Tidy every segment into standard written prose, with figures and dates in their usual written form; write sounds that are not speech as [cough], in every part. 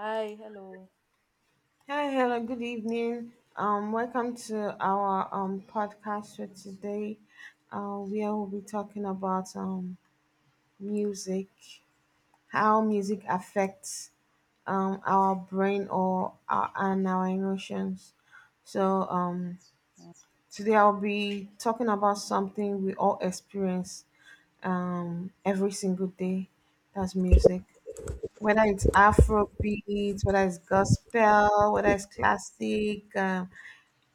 Hi, hello. Hi, hello, good evening. Welcome to our podcast for today. Where we'll be talking about music, how music affects our brain and our emotions. So um Today I'll be talking about something we all experience every single day. That's music. Whether it's Afrobeat, whether it's gospel, whether it's classic,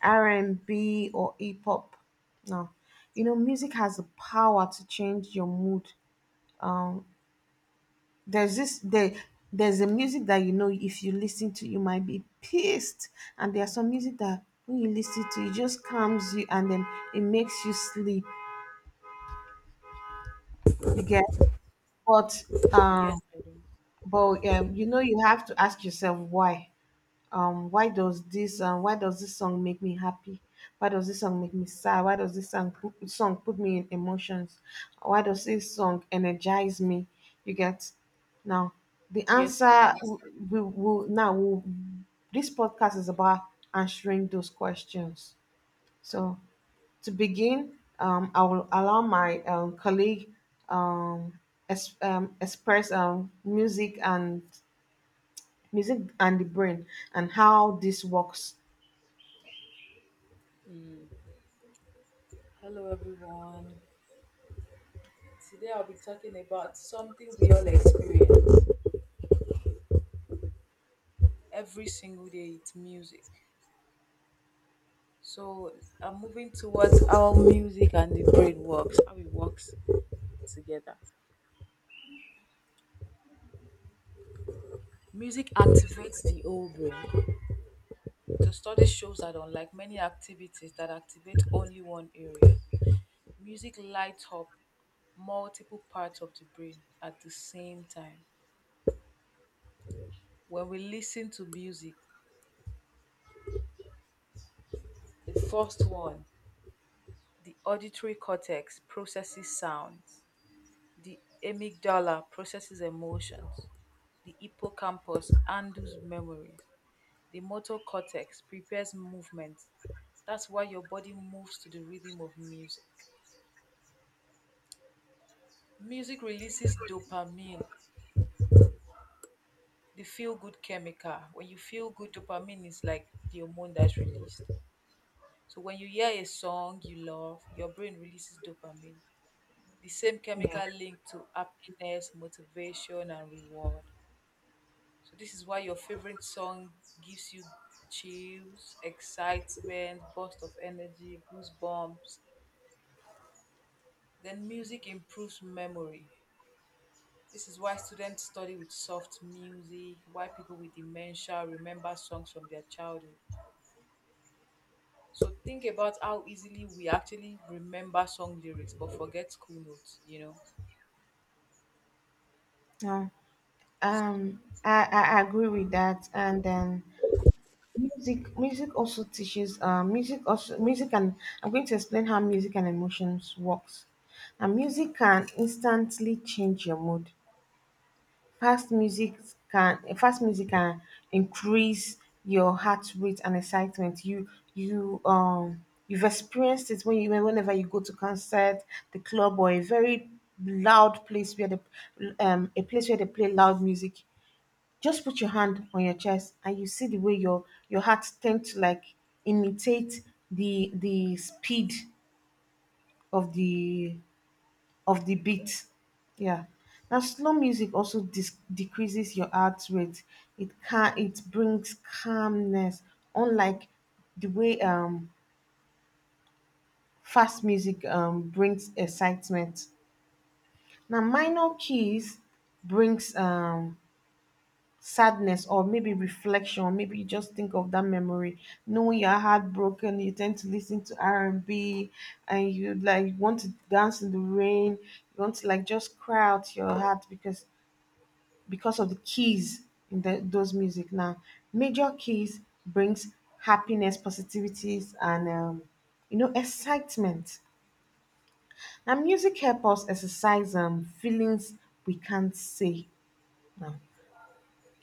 R&B or hip hop. No, you know, music has the power to change your mood. Um, there's this there, there's a music that, you know, if you listen to, you might be pissed. And there's some music that when you listen to it just calms you, and then it makes you sleep. You get, but Yes, um, I do. but you know, you have to ask yourself why. Why does this song make me happy? Why does this song make me sad? Why does this song put me in emotions? Why does this song energize me? You get. Now, the Yes, I answer do. w- we will now will this podcast is about answering those questions. So, to begin, I will allow my colleague um, express music and the brain and how this works. Mm. Hello, everyone. Today I'll be talking about something we all experience every single day. It's music. So I'm moving towards how music and the brain works, how it works together. Music activates the whole brain. The study shows that unlike many activities that activate only one area, music lights up multiple parts of the brain at the same time. When we listen to music, the first one, the auditory cortex processes sounds, the amygdala processes emotions, the hippocampus handles memories. The motor cortex prepares movement. That's why your body moves to the rhythm of music. Music releases dopamine, the feel good chemical. When you feel good, dopamine is like the hormone that's released. So when you hear a song you love, your brain releases dopamine. The same Yeah. chemical link to happiness, motivation, and reward. So this is why your favorite song gives you chills, excitement, burst of energy, goosebumps. Then music improves memory. This is why students study with soft music, why people with dementia remember songs from their childhood. So think about how easily we actually remember song lyrics but forget school notes, No. I agree with that. And then music also teaches, music also music and I'm going to explain how music and emotions works. Now music can instantly change your mood. Fast music Fast music can increase your heart rate and excitement. You've experienced it when you, whenever you go to concert, the club, or a very loud place where the a place where they play loud music. Just put your hand on your chest and you see the way your heart tends to like imitate the speed of the of the beat. Yeah. Now slow music also decreases your heart rate. It can it brings calmness unlike the way fast music brings excitement. Now minor keys brings sadness, or maybe reflection. Maybe you just think of that memory knowing you're heartbroken. You tend to listen to r&b and B, and you like want to dance in the rain. You want to like just cry out your heart, because of the keys in those music. Now major keys brings happiness, positivities, and you know, excitement. Now music help us exercise, feelings we can't say. Now,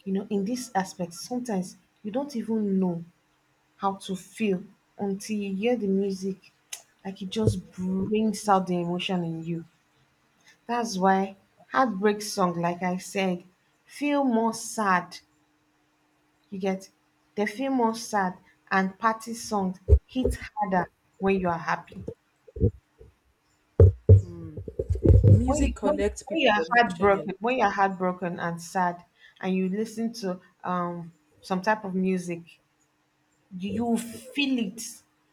you know, in this aspect sometimes you don't even know how to feel until you hear the music. [tsk] Like it just brings out the emotion in you. That's why heartbreak song, like I said, feel more sad. You get. They feel more sad. And party songs hit harder when you are happy. When you, Music connects when you people are emotionally. heartbroken, and sad, and you listen to some type of music, you feel it.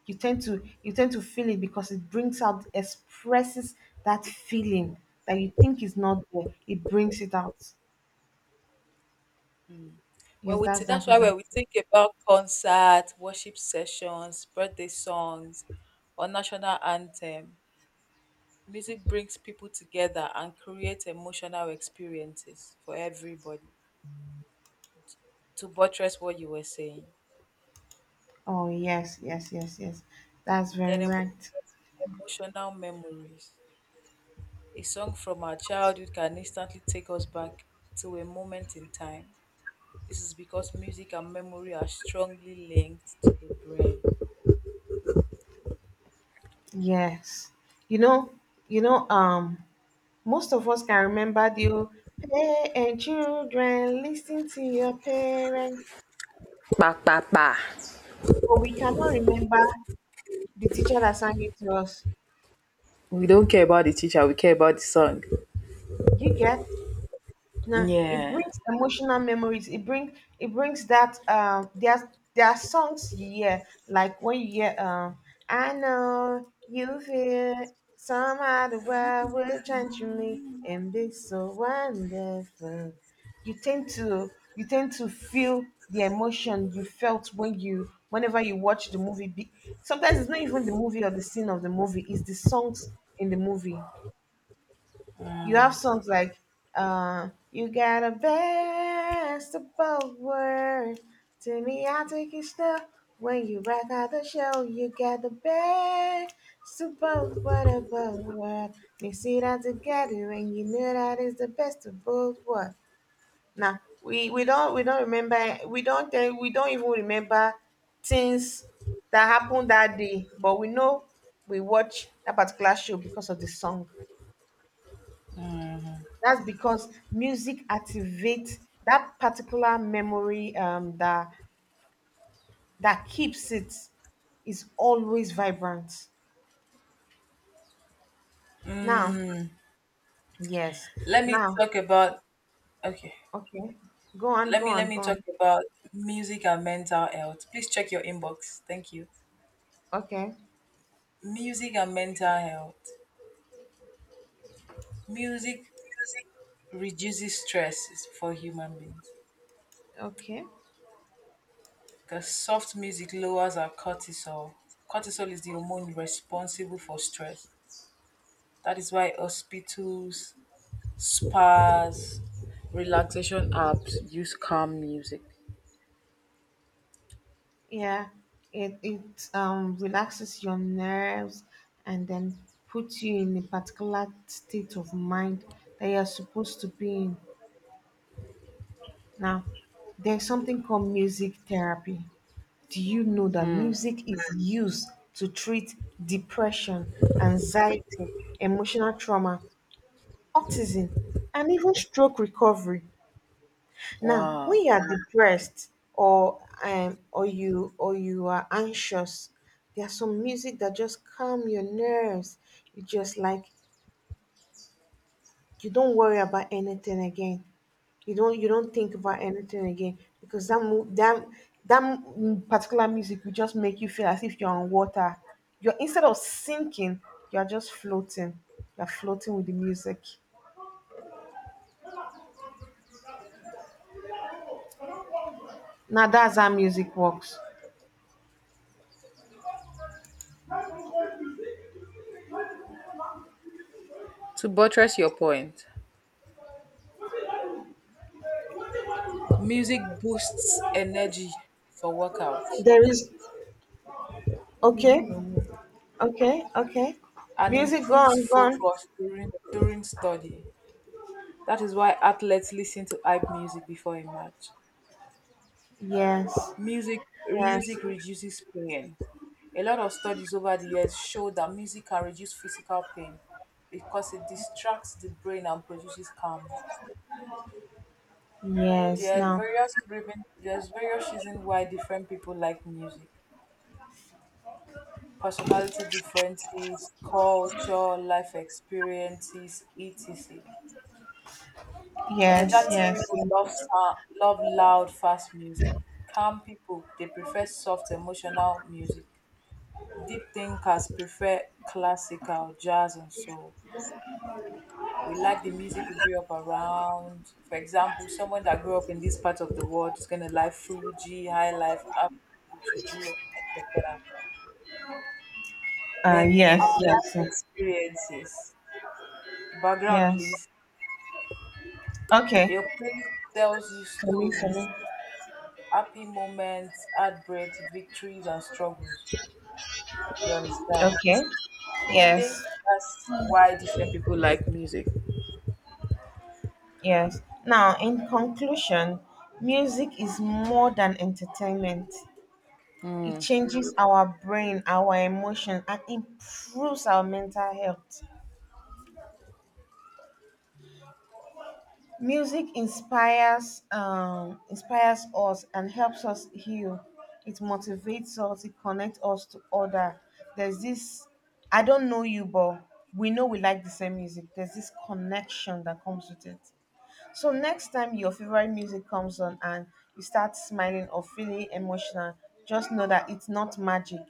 You tend to feel it because it brings out, expresses that feeling that you think is not there. It brings it out. Yes, that's that That's for why that. when we think about concerts, worship sessions, birthday songs, or national anthem, music brings people together and creates emotional experiences for everybody. To buttress what you were saying, Oh yes, yes, yes, yes, that's very then right. emotional memories. A song from our childhood can instantly take us back to a moment in time. This is because music and memory are strongly linked to the brain. Yes, you know, you know um most of us can remember the old play and children, listen to your parents. Pa pa pa. But we cannot remember the teacher that sang it to us. We don't care about the teacher, we care about the song. You get. Nah, it Yeah. brings emotional memories. It brings that there are songs you hear, like when you hear, "I know you feel somehow the world will change me and be so wonderful." You tend to feel the emotion you felt when you whenever you watch the movie. Be- Sometimes it's not even the movie or the scene of the movie; it's the songs in the movie. You have songs like, "You Got a Best of Both Worlds. To me, I take it slow. When you rock out the show, you got the best of both worlds. Mix it all together, and you know that is the best of both worlds." Now, we don't even remember things that happened that day, but we know we watch that particular show because of the song. That's because music activates that particular memory, that keeps it, is always vibrant. Now, yes. Let me Now, talk about, okay, okay. Go on, let go me let on, me go on. talk about music and mental health. Please check your inbox, thank you. Okay. Music and mental health. Music reduces stress for human beings Okay. because soft music lowers our cortisol. Cortisol is the hormone responsible for stress. That is why hospitals, spas, relaxation apps use calm music. Yeah, it relaxes your nerves and then puts you in a particular state of mind that you're supposed to be in. Now, there's something called music therapy. Do you know that music is used to treat depression, anxiety, emotional trauma, autism, and even stroke recovery? Now, Wow. when you are depressed or you are anxious, there are some music that just calm your nerves. You just like, you don't worry about anything again. You don't think about anything again because particular music will just make you feel as if you're on water. You're, instead of sinking, you're just floating. You're floating with the music. Now that's how music works. To buttress your point, music boosts energy for workouts There is, okay, okay, okay. and Music improves gone, gone. focus during study. That is why athletes listen to hype music before a match. Yes, yes, Music reduces pain. A lot of studies over the years show that music can reduce physical pain because it distracts the brain and produces calmness. yes. Now, There's various reasons why different people like music. Personality differences, culture, life experiences, etc. yes, Energetic yes, people love sound, love loud, fast music. Calm people, they prefer soft, emotional music. Deep thinkers prefer classical, jazz, and soul. We like the music we grew up around. For example, someone that grew up in this part of the world is gonna like Fuji, High Life, Afrobeat, Juju, etc. Then our yes, life yes, experiences. Background, yes. please. Okay. Your playlist tells you For me, for story, me. happy moments, heartbreaks, victories, and struggles. You understand? Okay. So I think Yes. that's why different people like music. Yes. Now, in conclusion, music is more than entertainment. It changes our brain, our emotion, and improves our mental health. Music inspires, inspires us and helps us heal. It motivates us. It connects us to other. There's this. I don't know you, but we know we like the same music. There's this connection that comes with it. So next time your favorite music comes on and you start smiling or feeling emotional, just know that it's not magic.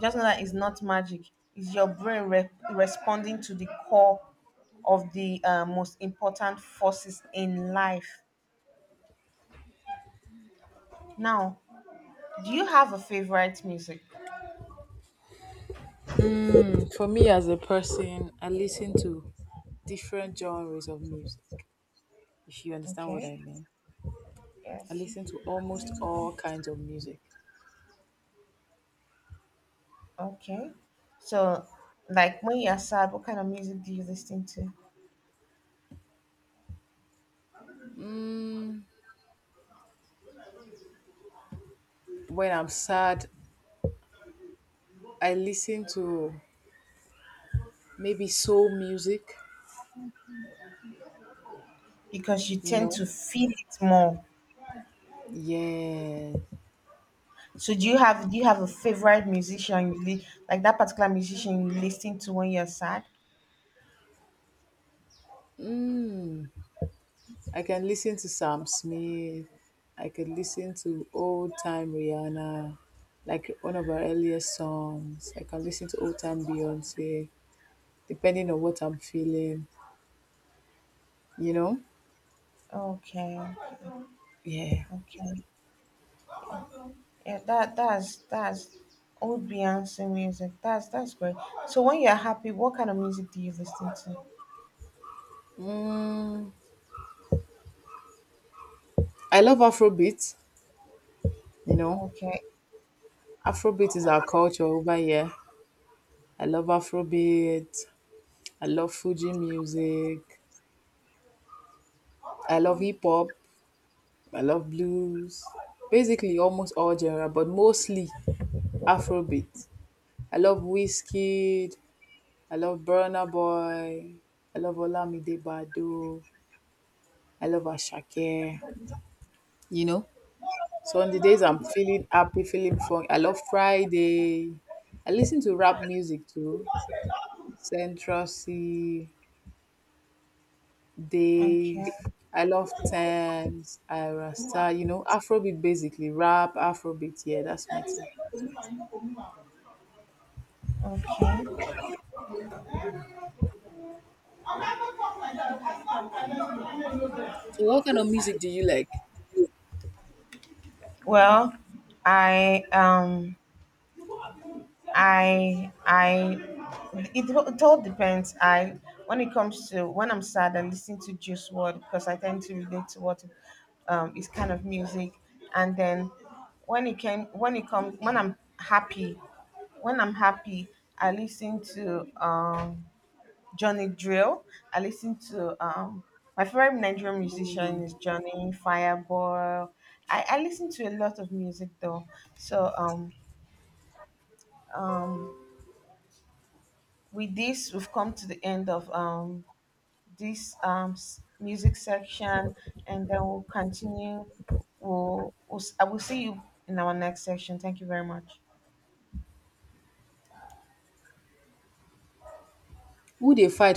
Just know that it's not magic. It's your brain responding to the core of the, most important forces in life. Now, do you have a favorite music? Mm, for me as a person, I listen to different genres of music, if you understand what Okay. I mean. Yes. I listen to almost all kinds of music. Okay. So, like when you're sad, what kind of music do you listen to? When I'm sad, I listen to maybe soul music, Because you you tend know? to feel it more. Yeah. So do you have, a favorite musician you like, that particular musician you listen to when you're sad? Mm. I can listen to Sam Smith. I could listen to old time Rihanna, like one of her earliest songs. I can listen to old time Beyonce, depending on what I'm feeling, you know? Okay, Yeah. okay, yeah, that's old Beyonce music. That's great. So when you're happy, what kind of music do you listen to? Mm, I love Afrobeat, you know? Okay, Afrobeat is our culture over here. I love Afrobeat. I love Fuji music. I love hip hop. I love blues. Basically, almost all genre, but mostly Afrobeat. I love Wizkid. I love Burna Boy. I love Olamide Badu. I love Ashake. You know. So on the days I'm feeling happy, feeling fun, I love Friday. I listen to rap music too. Central C, okay, Dave. I love Thames, Ira Star. You know, Afrobeat basically. Rap, Afrobeat. Yeah, that's my thing. okay. So what kind of music do you like? Well, I I I it all depends. I, when it comes to, when I'm sad, I listen to Juice WRLD because I tend to relate to what is kind of music. And then when it comes, when I'm happy, when I'm happy, I listen to Johnny Drill. I listen to my favorite Nigerian musician is Johnny Fireball. I listen to a lot of music though. So um with this we've come to the end of this music section, and then we'll continue. I will see you in our next section. Thank you very much. Who they fight